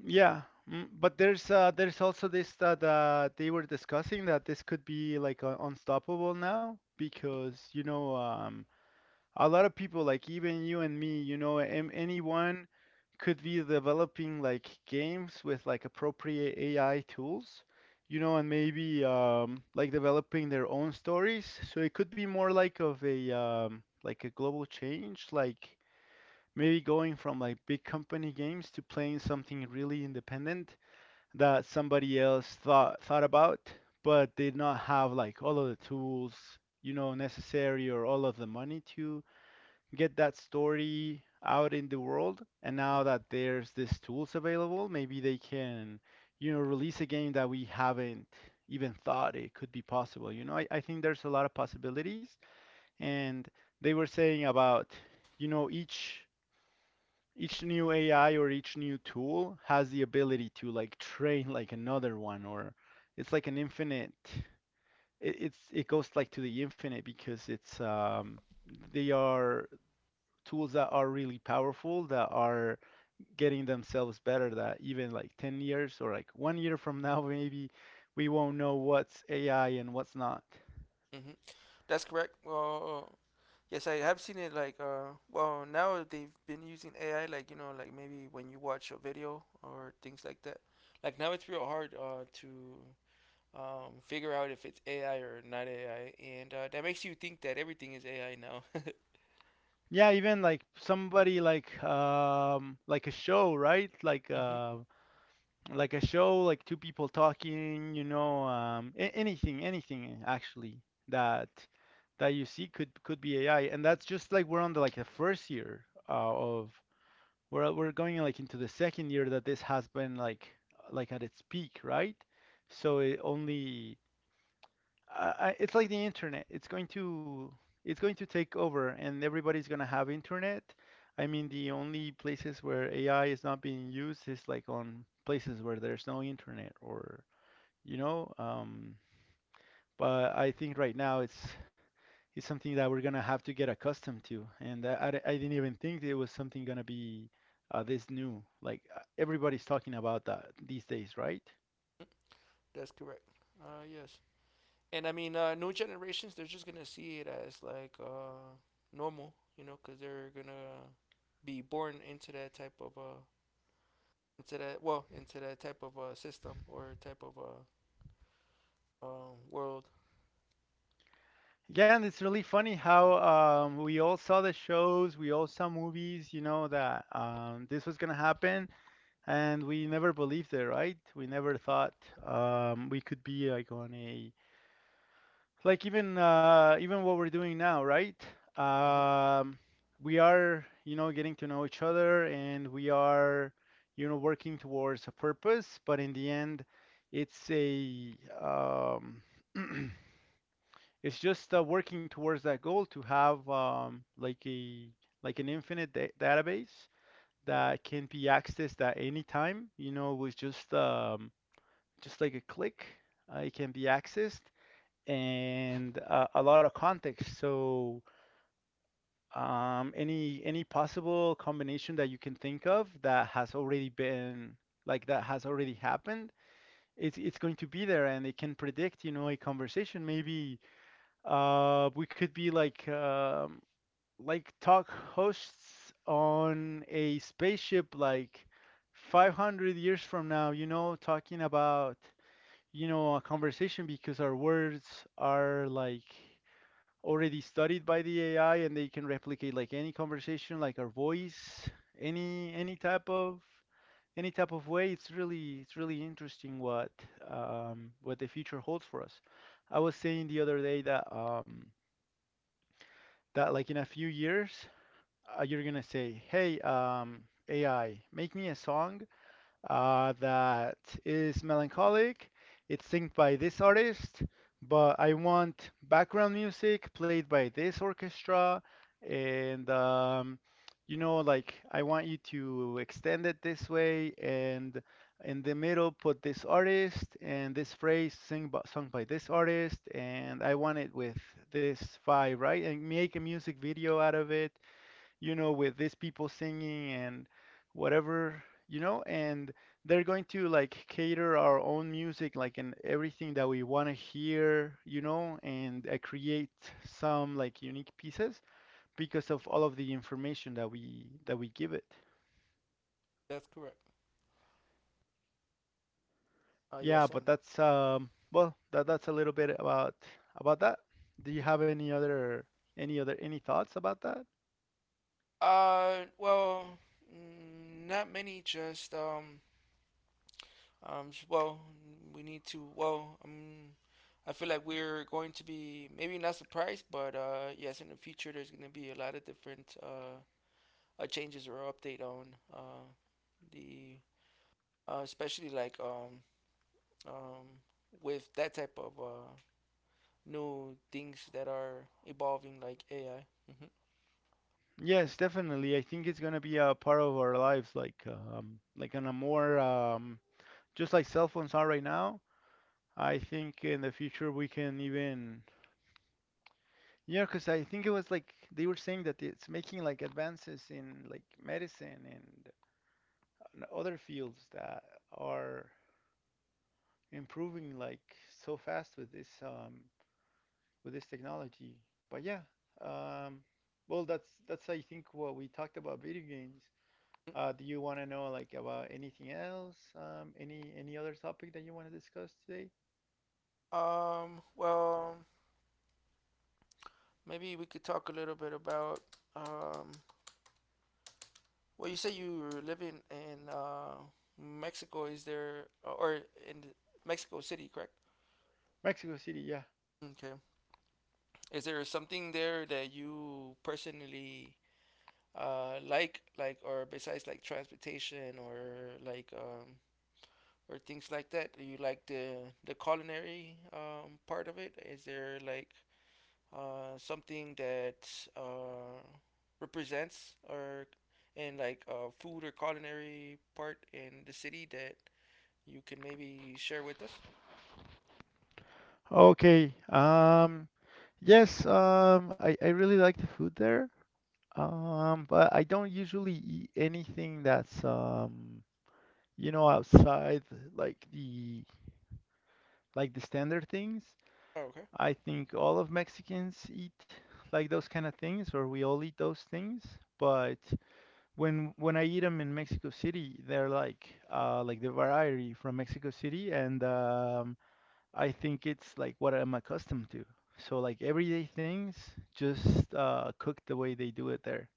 Speaker 2: yeah, mm, but there's also this that they were discussing that this could be like unstoppable now because a lot of people, like even you and me, you know am anyone could be developing like games with like appropriate AI tools, you know, and maybe like developing their own stories, so it could be more like of a like a global change, like maybe going from like big company games to playing something really independent that somebody else thought about but did not have like all of the tools, you know, necessary or all of the money to get that story out in the world. And now that
Speaker 1: Hmm
Speaker 2: there's these tools available, maybe they can, you know, release a game that we haven't even thought it could be possible. You know, I think there's a lot of possibilities. And they were saying about, you know, each new AI or each new tool has the ability to like train like another one, or it's like an infinite it goes like to the infinite because it's they are tools that are really powerful that are getting themselves better, that even like 10 years or like one year from now maybe we won't know what's AI and what's not.
Speaker 1: hmm That's correct. Well, yes, I have seen it. Like, well, now they've been using AI. Like, you know, like maybe when you watch a video or things like that. Like now, it's real hard to figure out if it's AI or not AI, and that makes you think that everything is AI now.
Speaker 2: Yeah, even like somebody like a show, right?
Speaker 1: hmm
Speaker 2: Like a show, like two people talking, you know, anything, anything actually that you see could be AI, and that's just like we're on the like the first year of we're going like into the second year that this has been like at its peak, right? So it only it's like the internet. It's going to take over, and everybody's going to have internet. I mean, the only places where AI is not being used is like on places where there's no internet, or you know. But I think right now it's something that we're gonna have to get accustomed to. And I didn't even think it was something gonna be this new. Everybody's talking about that these days, right?
Speaker 1: That's correct. Yes, and I mean, new generations, they're just gonna see it as like normal, you know, because they're gonna be born into that type of into that, well, into that type of system or type of world.
Speaker 2: Yeah, and it's really funny how we all saw the shows, we all saw movies, you know, that this was gonna happen, and we never believed it, right? We never thought we could be like on a even what we're doing now, right?
Speaker 1: Hmm
Speaker 2: Um, we are, you know, getting to know each other, and we are, you know, working towards a purpose, but in the end, it's a it's just working towards that goal to have like a like an infinite da database that can be accessed at any time, you know, with just like a click, it can be accessed, and a lot of context. So, any possible combination that you can think of that has already been like that has already happened, it's going to be there, and it can predict, you know, a conversation. Maybe we could be like talk hosts on a spaceship, like 500 years from now, you know, talking about. You know, a conversation because our words are like already studied by the AI, and they can replicate like any conversation, like our voice, any type of any type of way. It's really interesting what the future holds for us. I was saying the other day that that like in a few years you're gonna say, hey AI, make me a song that is melancholic. It's sung by this artist, but I want background music played by this orchestra, and you know, like I want you to extend it this way, and in the middle put this artist and this phrase sung by this artist, and I want it with this vibe, right? And make a music video out of it, you know, with these people singing and whatever, you know, and they're going to like cater our own music, like, and everything that we want to hear, you know, and create some like unique pieces because of all of the information that we give it.
Speaker 1: That's correct.
Speaker 2: Yeah,
Speaker 1: Yes,
Speaker 2: but
Speaker 1: and
Speaker 2: that's well, that's a little bit about that. Do you have any other any thoughts about that?
Speaker 1: well, mm, not many. Just well, we need to. Well, I feel like we're going to be maybe not surprised, but yes, in the future there's going to be a lot of different changes or update on the, especially like um with that type of new things that are evolving like AI.
Speaker 2: Yes, definitely. I think it's gonna be a part of our lives, like on a more just like cell phones are right now. I think in the future we can even yeah, 'cause I think it was like they were saying that it's making like advances in like medicine and other fields that are improving like so fast with this technology. But yeah, um, well that's I think what we talked about video games.
Speaker 1: Mm-hmm.
Speaker 2: Do you want to know like about anything else? Any other topic that you want to discuss today?
Speaker 1: Well, maybe we could talk a little bit about um, well, you say you were living in Mexico. Is there or in Mexico City, correct?
Speaker 2: Mexico City, yeah.
Speaker 1: Okay. Is there something there that you personally like, or besides like transportation or like or things like that? Do you like the culinary part of it? Is there like something that represents or in like a food or culinary part in the city that you can maybe share with us?
Speaker 2: Okay. Yes. I really like the food there. But I don't usually eat anything that's you know, outside like the like the standard things.
Speaker 1: Oh, okay.
Speaker 2: I think all of Mexicans eat like those kind of things, or we all eat those things. But when I eat them in Mexico City, they're like the variety from Mexico City, and I think it's like what I'm accustomed to. So like everyday things, just cooked the way they do it there.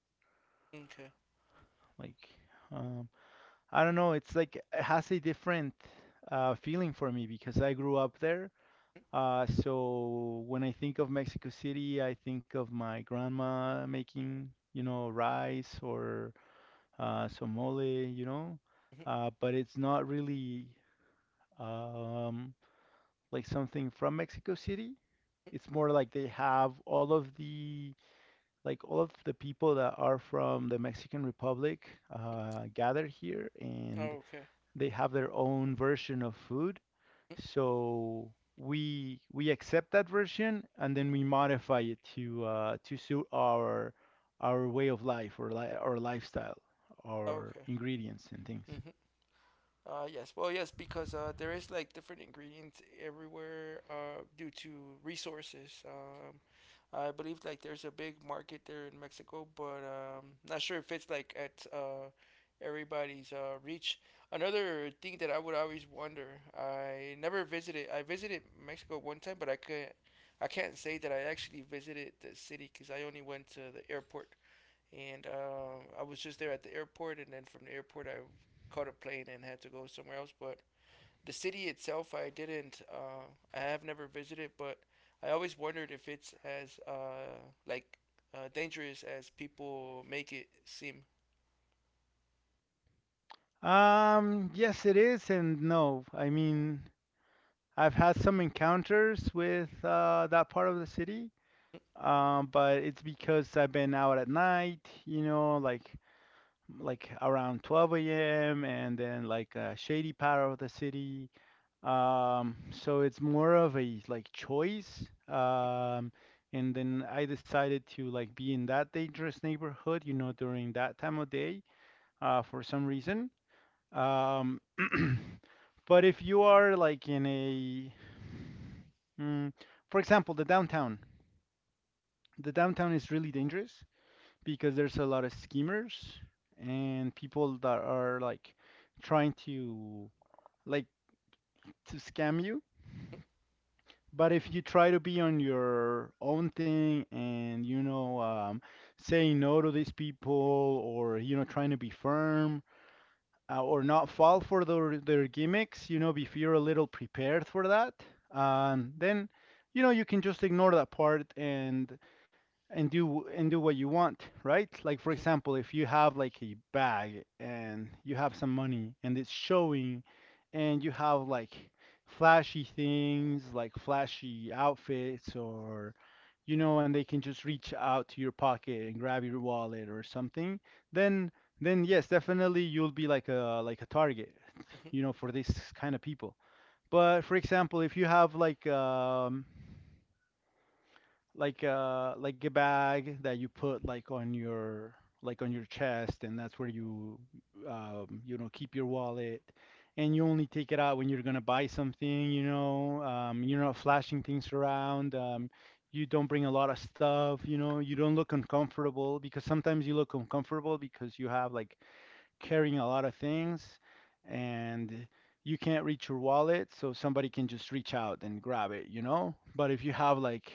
Speaker 1: Okay.
Speaker 2: Like um, I don't know, it's like it has a different feeling for me because I grew up there. So when I think of Mexico City, I think of my grandma making, you know, rice or somole, you know,
Speaker 1: Mhm.
Speaker 2: but it's not really um, like something from Mexico City. It's more like they have all of the like all of the people that are from the Mexican Republic gather here, and
Speaker 1: Okay. Mhm.
Speaker 2: they have their own version of food. So we accept that version, and then we modify it to suit our way of life or li our lifestyle, our
Speaker 1: Okay.
Speaker 2: ingredients and things.
Speaker 1: hmm Yes. Well, yes, because there is like different ingredients everywhere due to resources. I believe like there's a big market there in Mexico, but not sure if it's like at everybody's reach. Another thing that I would always wonder, I never visited. I visited Mexico one time, but I can't. I can't say that I actually visited the city because I only went to the airport, and I was just there at the airport, and then from the airport I caught a plane and had to go somewhere else. But the city itself, I didn't. I have never visited, but I always wondered if it's as like dangerous as people make it seem.
Speaker 2: Yes, it is, and no. I mean, I've had some encounters with that part of the city, but it's because I've been out at night, you know, like around 12 a.m. and then like a shady part of the city. So it's more of a like choice. And then I decided to like be in that dangerous neighborhood, you know, during that time of day, for some reason. Um, but if you are like in a, mm, for example, the downtown is really dangerous because there's a lot of schemers and people that are like trying to like to scam you. But if you try to be on your own thing and saying no to these people, or you know trying to be firm, or not fall for their gimmicks, you know, if you're a little prepared for that, then, you know, you can just ignore that part and and do what you want, right? Like for example, if you have like a bag and you have some money and it's showing, and you have like flashy things, like flashy outfits, or you know, and they can just reach out to your pocket and grab your wallet or something, then yes, definitely you'll be like a target, you know, for this kind of people. But for example, if you have like a bag that you put like on your chest, and that's where you you know keep your wallet, and you only take it out when you're gonna buy something. You know, you're not flashing things around. You don't bring a lot of stuff. You know, you don't look uncomfortable because sometimes you look uncomfortable because you have like carrying a lot of things, and you can't reach your wallet, so somebody can just reach out and grab it, you know? But if you have like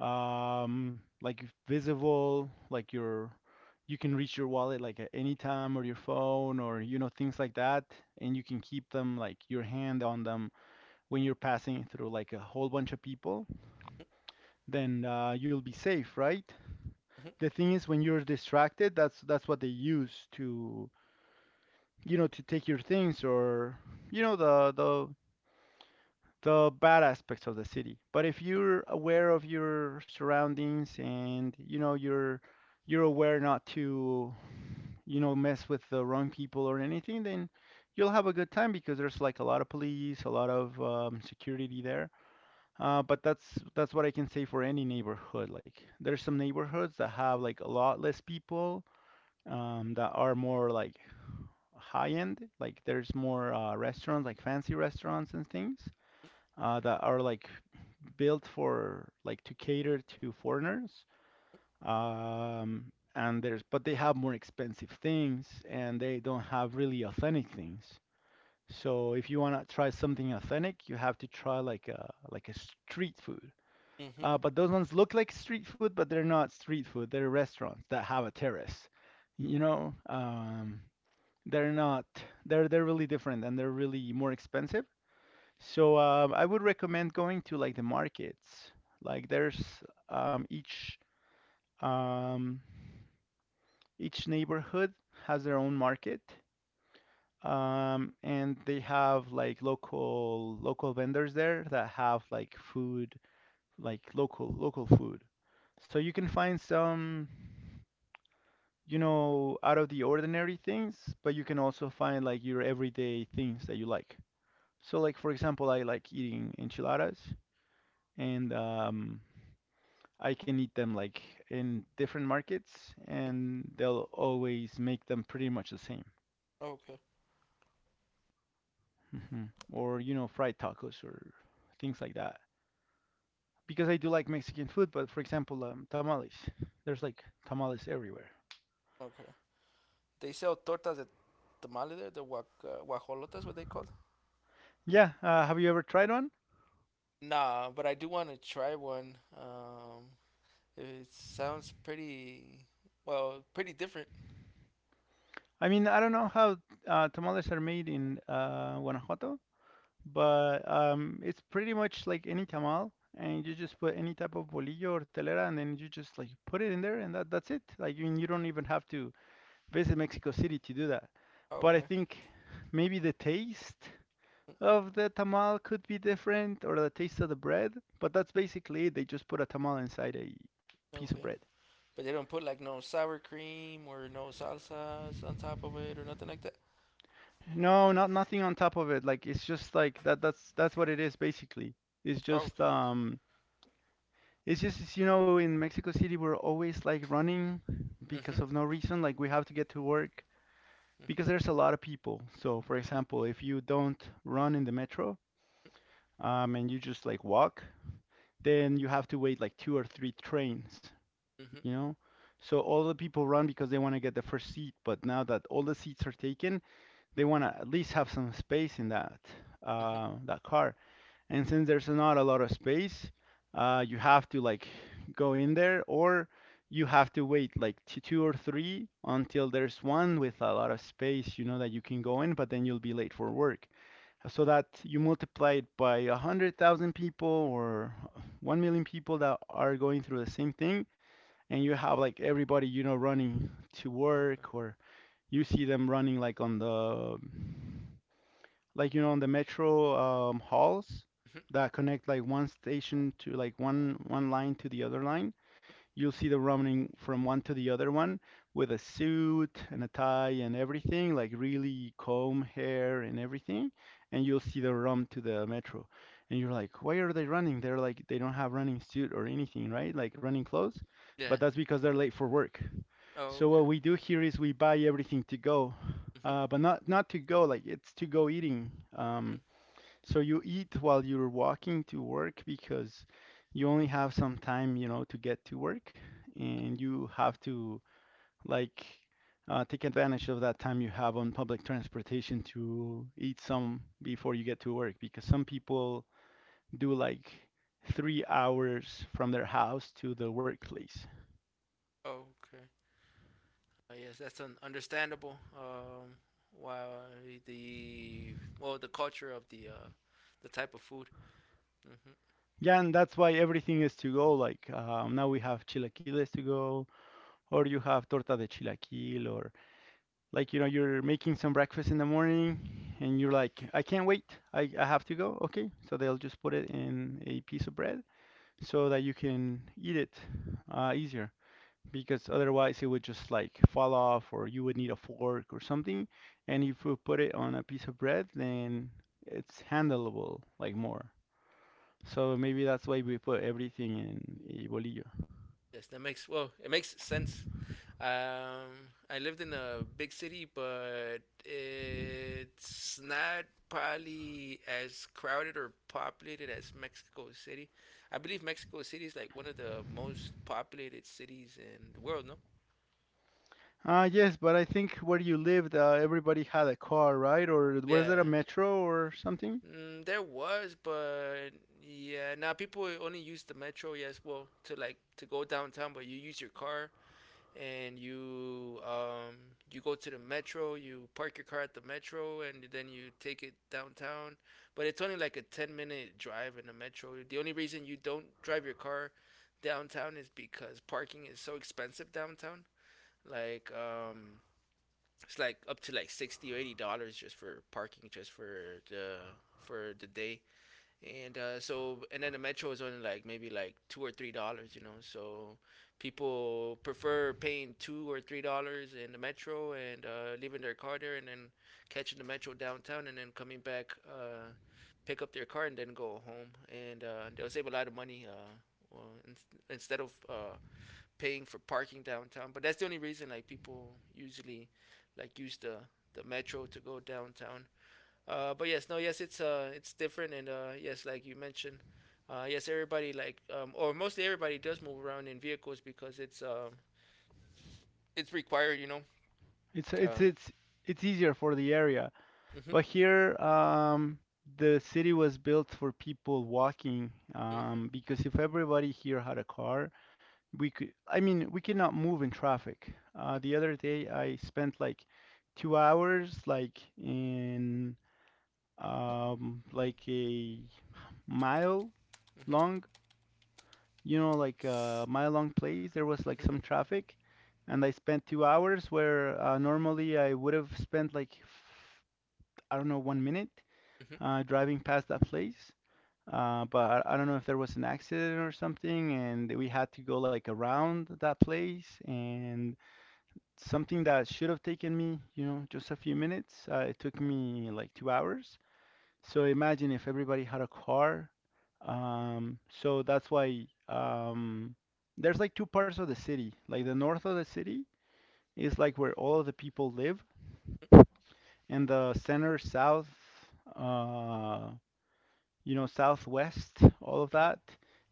Speaker 2: um, like visible, like your you can reach your wallet like at any time or your phone or you know things like that, and you can keep them like your hand on them when you're passing through like a whole bunch of people, then you'll be safe, right? The thing is when you're distracted, that's what they use to you know to take your things or you know the the bad aspects of the city. But if you're aware of your surroundings and you know you're aware not to you know mess with the wrong people or anything, then you'll have a good time because there's like a lot of police, a lot of security there. But that's what I can say for any neighborhood. Like there's some neighborhoods that have like a lot less people that are more like high end. Like there's more restaurants, like fancy restaurants and things that are like built for like to cater to foreigners. And there's but they have more expensive things and they don't have really authentic things. So if you wanna try something authentic, you have to try like a street food. But those ones look like street food, but they're not street food. They're restaurants that have a terrace. You know, they're not. They're really different and they're really more expensive. So I would recommend going to like the markets. Like there's um, each um, each neighborhood has their own market, and they have like local local vendors there that have like food, like local local food. So you can find some, you know, out of the ordinary things, but you can also find like your everyday things that you like. So like for example, I like eating enchiladas and I can eat them like in different markets, and they'll always make them pretty much the same.
Speaker 1: Okay,
Speaker 2: Hmm. Or, you know, fried tacos or things like that. Because I do like Mexican food, but for example, tamales. There's like tamales everywhere.
Speaker 1: okay. They sell tortas de tamale there, the guajolotas, what they called.
Speaker 2: Yeah, have you ever tried one?
Speaker 1: Nah, but I do want to try one. It sounds pretty different.
Speaker 2: I mean, I don't know how tamales are made in Guanajuato, but it's pretty much like any tamal, and you just put any type of bolillo or telera, and then you just like put it in there, and that's it. Like, you don't even have to based in Mexico City to do that. But I
Speaker 1: Okay,
Speaker 2: think maybe the taste of the tamal could be different or the taste of the bread. But that's basically it. They just put a tamal inside a piece of
Speaker 1: okay.
Speaker 2: bread.
Speaker 1: But they don't put like no sour cream or no salsas on top of it or nothing like that.
Speaker 2: No, not nothing on top of it. Like it's just like that that's what it is basically. It's just
Speaker 1: Okay.
Speaker 2: um it's just you know in Mexico City we're always like running
Speaker 1: Mhm.
Speaker 2: because of no reason like we have to get to work
Speaker 1: Mhm.
Speaker 2: because there's a lot of people. So for example, if you don't run in the metro and you just like walk, then you have to wait like two or three trains,
Speaker 1: Mhm.
Speaker 2: you know? So all the people run because they want to get the first seat, but now that all the seats are taken, they want to at least have some space in that
Speaker 1: Mhm.
Speaker 2: that car. And since there's not a lot of space, you have to like go in there, or you have to wait like two or three until there's one with a lot of space, you know, that you can go in, but then you'll be late for work so that you multiply it by 100,000 people or 1 million people that are going through the same thing and you have like everybody you know running to
Speaker 1: Okay.
Speaker 2: work or you see them running like on the like you know on the metro halls
Speaker 1: Mhm.
Speaker 2: that connect like one station to like one line to the other line. You'll see them running from one to the other one with a suit and a tie and everything, like really comb hair and everything. And you'll see them run to the metro. And you're like, why are they running? They're like, they don't have running suit or anything, right? Like running clothes. But
Speaker 1: Yeah.
Speaker 2: that's because they're late for work. So what
Speaker 1: Okay.
Speaker 2: we do here is we buy everything to go,
Speaker 1: Mhm.
Speaker 2: but not to go like it's to go eating. Um,
Speaker 1: mhm,
Speaker 2: so you eat while you're walking to work because you only have some time, you know, to get to work, and you have to like take advantage of that time you have on public transportation to eat some before you get to work because some people do like 3 hours from their house to the workplace.
Speaker 1: Okay. Yes, that's un- understandable. Why the, well, the culture of the type of food. Mhm.
Speaker 2: Yeah, and that's why everything is to go. Like now we have chilaquiles to go, or you have torta de chilaquil, or. Like you know you're making some breakfast in the morning and you're like I can't wait. I have to go, okay, so they'll just put it in a piece of bread so that you can eat it easier because otherwise it would just like fall off or you would need a fork or something, and if you put it on a piece of bread then it's handleable like more, so maybe that's why we put everything in a bolillo.
Speaker 1: Yes, that makes, well, it makes sense. Um, I lived in a big city, but it's not probably as crowded or populated as Mexico City. I believe Mexico City is like one of the most populated cities in the world. No,
Speaker 2: Ah, yes, but I think where you lived everybody had a car, right, or was
Speaker 1: yeah,
Speaker 2: there a metro or something?
Speaker 1: mm, there was, but yeah, now people only use the metro. Yes, well, to like to go downtown, but you use your car and you you go to the metro. You park your car at the metro, and then you take it downtown. But it's only like a 10 minute drive in the metro. The only reason you don't drive your car downtown is because parking is so expensive downtown. Like um, it's like up to like $60 or $80 just for parking, just for the day and so and then the metro is only like maybe like $2 or $3 so people prefer paying $2 or $3 in the metro and leaving their car there and then catching the metro downtown and then coming back pick up their car and then go home and they'll save a lot of money well, instead of paying for parking downtown, but that's the only reason like people usually like use the metro to go downtown. But yes, no, yes, it's different, and yes, like you mentioned, yes, everybody or mostly everybody does move around in vehicles because it's required, you know.
Speaker 2: It's it's
Speaker 1: Uh,
Speaker 2: it's it's easier for the area,
Speaker 1: mhm,
Speaker 2: but here the city was built for people walking
Speaker 1: mhm, mhm,
Speaker 2: because if everybody here had a car, we could. I mean, we cannot move in traffic. The other day, I spent like 2 hours, like in like a mile
Speaker 1: mhm,
Speaker 2: long, you know, like a mile long place. There was like
Speaker 1: mhm,
Speaker 2: some traffic, and I spent 2 hours where normally I would have spent like I don't know, 1 minute
Speaker 1: mhm,
Speaker 2: driving past that place. But I don't know if there was an accident or something, and we had to go like around that place. And something that should have taken me, you know, just a few minutes, it took me like 2 hours. So imagine if everybody had a car. So that's why there's like two parts of the city. Like the north of the city is like where all of the people live, and the center south uh, you know, Southwest, all of
Speaker 1: mhm,
Speaker 2: that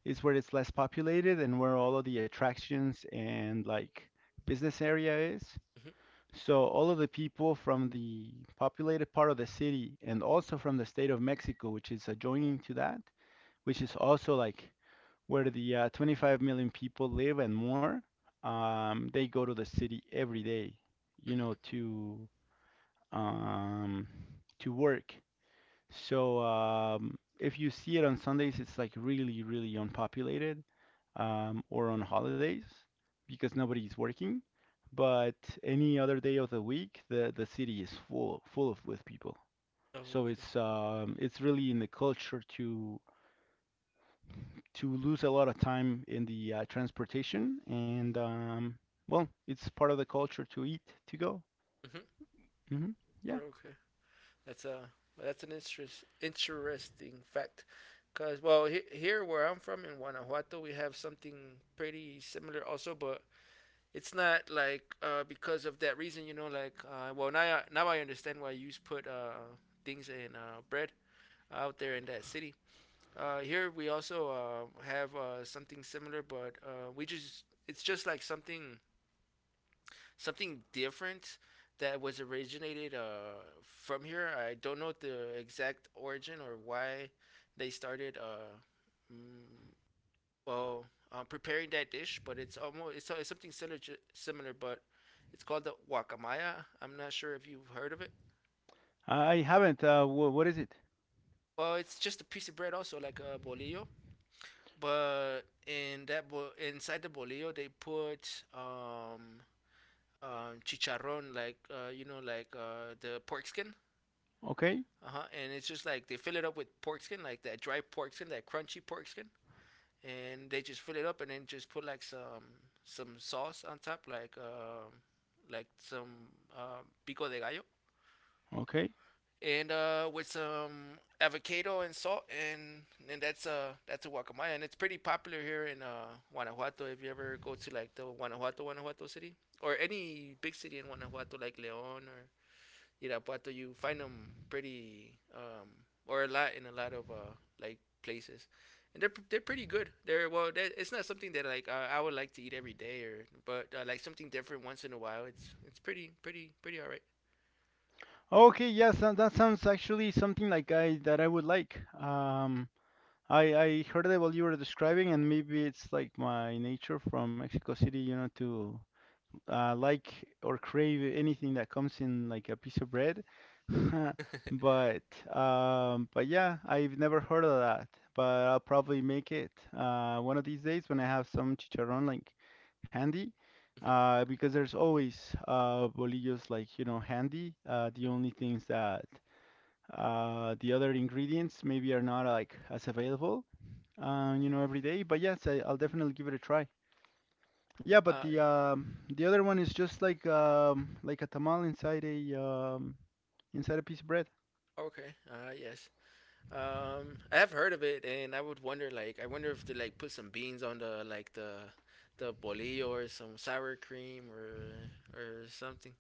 Speaker 2: is where it's less populated and where all of the attractions and like business area is.
Speaker 1: mhm.
Speaker 2: So all of the people from the populated part of the city and also from the state of Mexico, which is adjoining to that, which is also like where the 25 million people live and more, they go to the city every day, you
Speaker 1: Mhm.
Speaker 2: know, um, to work. So if you see it on Sundays, it's like really, really unpopulated or on holidays because nobody's working. But any other day of the week, the city is full full of with people.
Speaker 1: Oh,
Speaker 2: So
Speaker 1: okay.
Speaker 2: it's really in the culture to lose a lot of time in the transportation and well, it's part of the culture to eat to go.
Speaker 1: Mhm.
Speaker 2: Hmm.
Speaker 1: Oh,
Speaker 2: Yeah,
Speaker 1: okay. That's uh, that's an interesting fact, cause well, here where I'm from in Guanajuato, we have something pretty similar also, but it's not like because of that reason, you know, like well now I understand why you put things in bread out there in that city. Here we also have something similar, but we just it's just like something different that was originated from here. I don't know the exact origin or why they started mm, well preparing that dish, but it's almost it's something similar, similar, but it's called the guacamaya. I'm not sure if you've heard of it.
Speaker 2: I haven't. What is it?
Speaker 1: Well, it's just a piece of bread, also like a bolillo, but in that inside the bolillo they put chicharron, like you know, like the pork skin.
Speaker 2: Okay,
Speaker 1: Uh huh. And it's just like they fill it up with pork skin, like that dry pork skin, that crunchy pork skin, and they just fill it up and then just put like some sauce on top, like some pico de gallo,
Speaker 2: okay.
Speaker 1: and with some avocado and salt, and that's a guacamaya, and it's pretty popular here in Guanajuato. If you ever go to like the Guanajuato, Guanajuato city, or any big city in Guanajuato, like León or Irapuato, you find them pretty or a lot in a lot of like places, and they're pretty good. They're well, they It's not something that like I would like to eat every day, or but like something different once in a while. It's pretty pretty alright.
Speaker 2: Okay, yes, that, that sounds actually something like I that I would like. I heard about you were describing, and maybe it's like my nature from Mexico City, you know, to like or crave anything that comes in like a piece of bread. But but yeah, I've never heard of that. But I'll probably make it one of these days when I have some chicharrón like handy. Because there's always bolillos like you know handy. The only things that the other ingredients maybe are not like as available you know every day. But yes, I'll definitely give it a try. Yeah, but
Speaker 1: Uh,
Speaker 2: the other one is just like a tamal inside a inside a piece of bread.
Speaker 1: okay. Yes. I have heard of it, and I would wonder like I wonder if they like put some beans on the like the bolillo or some sour cream or something.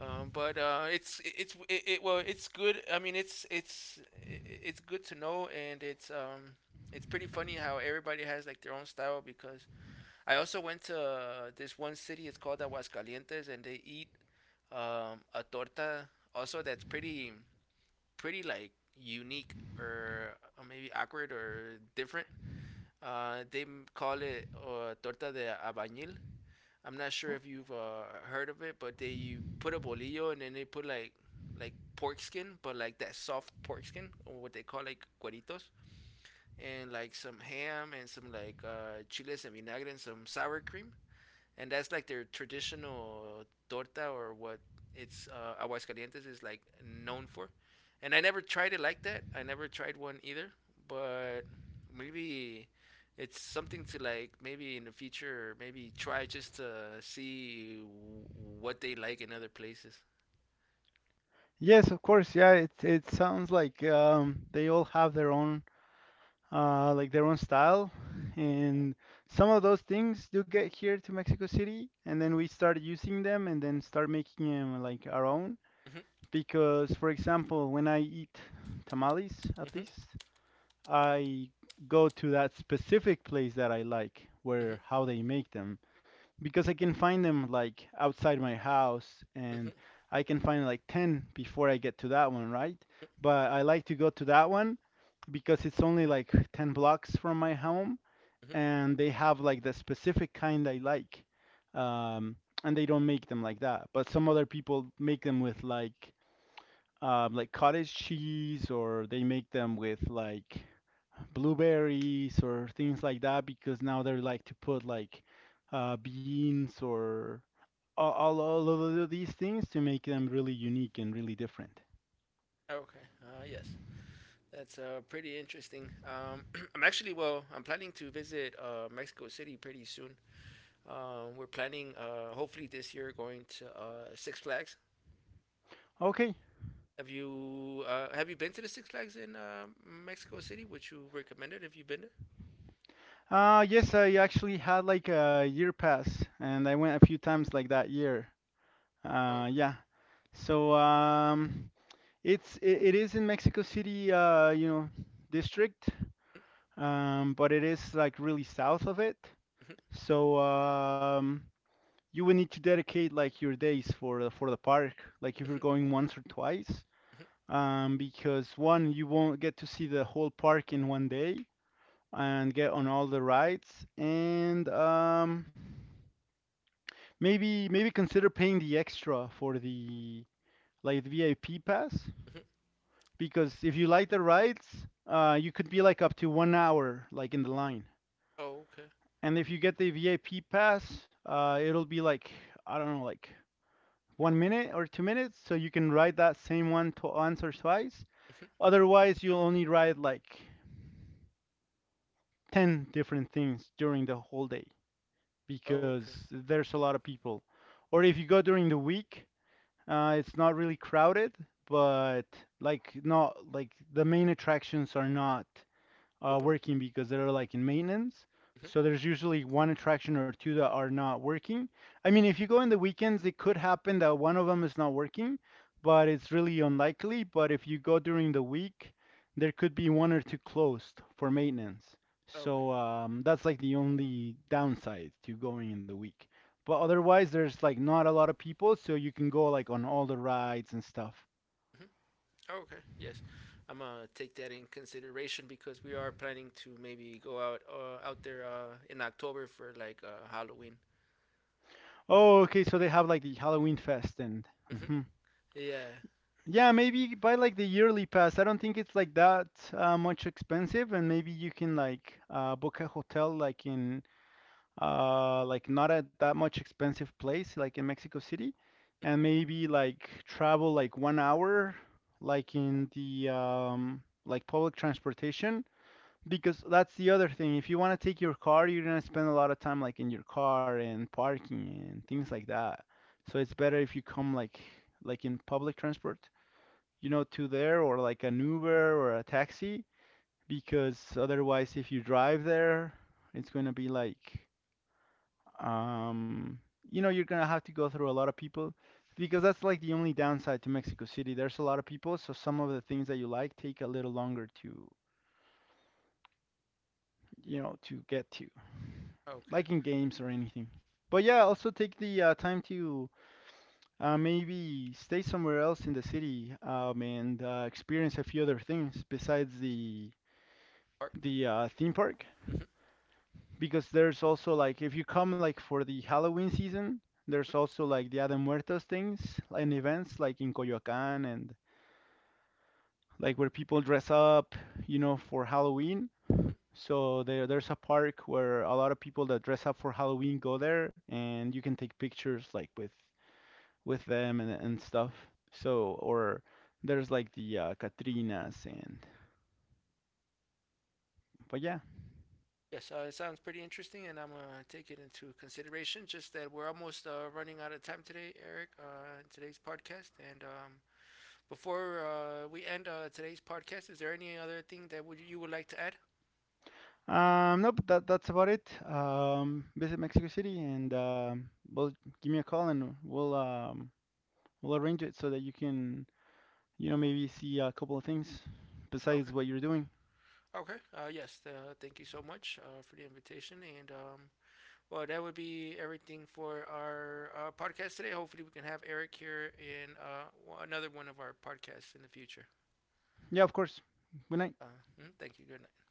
Speaker 1: But it's it well it's good. I mean it's good to know, and it's pretty funny how everybody has like their own style because I also went to this one city. It's called Aguascalientes, and they eat a torta also that's pretty pretty like unique or maybe awkward or different. They call it torta de abañil. I'm not sure
Speaker 2: Oh.
Speaker 1: if you've heard of it, but they you put a bolillo and then they put like pork skin, but like that soft pork skin or what they call like cueritos, and like some ham and some like chiles and vinagre and some sour cream, and that's like their traditional torta or what it's Aguascalientes is like known for. And I never tried it like that. I never tried one either, but maybe it's something to like maybe in the future maybe try just to see what they like in other places.
Speaker 2: Yes, of course. Yeah, it sounds like they all have their own like their own style, and some of those things do get here to Mexico City, and then we start using them and then start making them like our own.
Speaker 1: Mhm.
Speaker 2: Because, for example, when I eat tamales, at
Speaker 1: Mhm.
Speaker 2: least I go to that specific place that I like,
Speaker 1: Mhm.
Speaker 2: where how they make them, because I can find them like outside my house and
Speaker 1: Mhm.
Speaker 2: I can find like 10 before I get to that one, right?
Speaker 1: Mhm,
Speaker 2: But I like to go to that one because it's only like 10 blocks from my home
Speaker 1: mhm.
Speaker 2: and they have like the specific kind I like. Um, and they don't make them like that. But some other people make them with like cottage cheese or they make them with like blueberries or things like that because now they're like to put like beans or all of these things to make them really unique and really different.
Speaker 1: Okay. Uh, yes. That's pretty interesting. I'm actually well, I'm planning to visit Mexico City pretty soon. We're planning, hopefully this year, going to Six Flags.
Speaker 2: Okay.
Speaker 1: Have you been to the Six Flags in Mexico City? Would you recommend it? Have you been there?
Speaker 2: Yes, I actually had like a year pass, and I went a few times like that year.
Speaker 1: Oh, okay.
Speaker 2: Yeah. So it is in Mexico City, you know, district, but it is like really south of it.
Speaker 1: Mhm,
Speaker 2: So you would need to dedicate like your days for the park, like if you're
Speaker 1: mhm,
Speaker 2: going once or twice.
Speaker 1: mhm,
Speaker 2: Because one, you won't get to see the whole park in one day and get on all the rides, and maybe consider paying the extra for the like VIP pass
Speaker 1: mhm, mhm.
Speaker 2: because if you like the rides, you could be like up to 1 hour like in the line,
Speaker 1: Oh, okay.
Speaker 2: and if you get the VIP pass, it'll be like I don't know like 1 minute or 2 minutes, so you can ride that same one to once or twice.
Speaker 1: Mhm.
Speaker 2: Otherwise, you'll only ride like 10 different things during the whole day
Speaker 1: Oh, okay.
Speaker 2: because there's a lot of people. Or if you go during the week, it's not really crowded, but like not like the main attractions are not
Speaker 1: Open.
Speaker 2: working because they're like in maintenance.
Speaker 1: Mhm.
Speaker 2: So there's usually one attraction or two that are not working. I mean, if you go in the weekends, it could happen that one of them is not working, but it's really unlikely. But if you go during the week, there could be one or two closed for maintenance.
Speaker 1: Oh, okay.
Speaker 2: So that's like the only downside to going in the week. But otherwise, there's like not a lot of people, so you can go like on all the rides and stuff.
Speaker 1: Mhm. Oh, okay. Yes, I'm gonna take that in consideration because we are planning to maybe go out out there in October for like Halloween.
Speaker 2: Oh, okay, so they have like the Halloween fest and.
Speaker 1: Mhm.
Speaker 2: Hmm
Speaker 1: Yeah.
Speaker 2: Yeah, maybe buy like the yearly pass. I don't think it's like that much expensive, and maybe you can like book a hotel like in like not at that much expensive place, like in Mexico City, and maybe like travel like 1 hour, like in the like public transportation. Because that's the other thing. If you want to take your car, you're gonna spend a lot of time like in your car and parking and things like that. So it's better if you come like in public transport, you know, to there or like an Uber or a taxi, because otherwise if you drive there, it's going to be like um you know, you're going to have to go through a lot of people because that's like the only downside to Mexico City. There's a lot of people, so some of the things that you like take a little longer to, you know, to get to,
Speaker 1: Okay.
Speaker 2: like in games or anything. But yeah, also take the time to maybe stay somewhere else in the city and experience a few other things besides the
Speaker 1: Park.
Speaker 2: theme park,
Speaker 1: Mhm,
Speaker 2: because there's also like if you come like for the Halloween season, there's
Speaker 1: mhm, mhm,
Speaker 2: also like Dia de Muertos things
Speaker 1: mhm.
Speaker 2: and events like in Coyoacan and like where people dress up, you know, for Halloween. So there's a park where a lot of people that dress up for Halloween go there and you can take pictures like with them and stuff. So or there's like the Katrinas and but yeah,
Speaker 1: Yes, it sounds pretty interesting, and I'm gonna take it into consideration. Just that we're almost running out of time today, Eric. In today's podcast, and before we end today's podcast, is there any other thing that would you would like to add?
Speaker 2: Nope, that's about it. Visit Mexico City, and well, give me a call, and we'll arrange it so that you can, you know, maybe see a couple of things
Speaker 1: Okay.
Speaker 2: besides what you're doing.
Speaker 1: Okay. Yes. Thank you so much for the invitation, and well, that would be everything for our podcast today. Hopefully, we can have Eric here in another one of our podcasts in the future.
Speaker 2: Yeah, of course. Good night.
Speaker 1: Uh, thank you. Good night.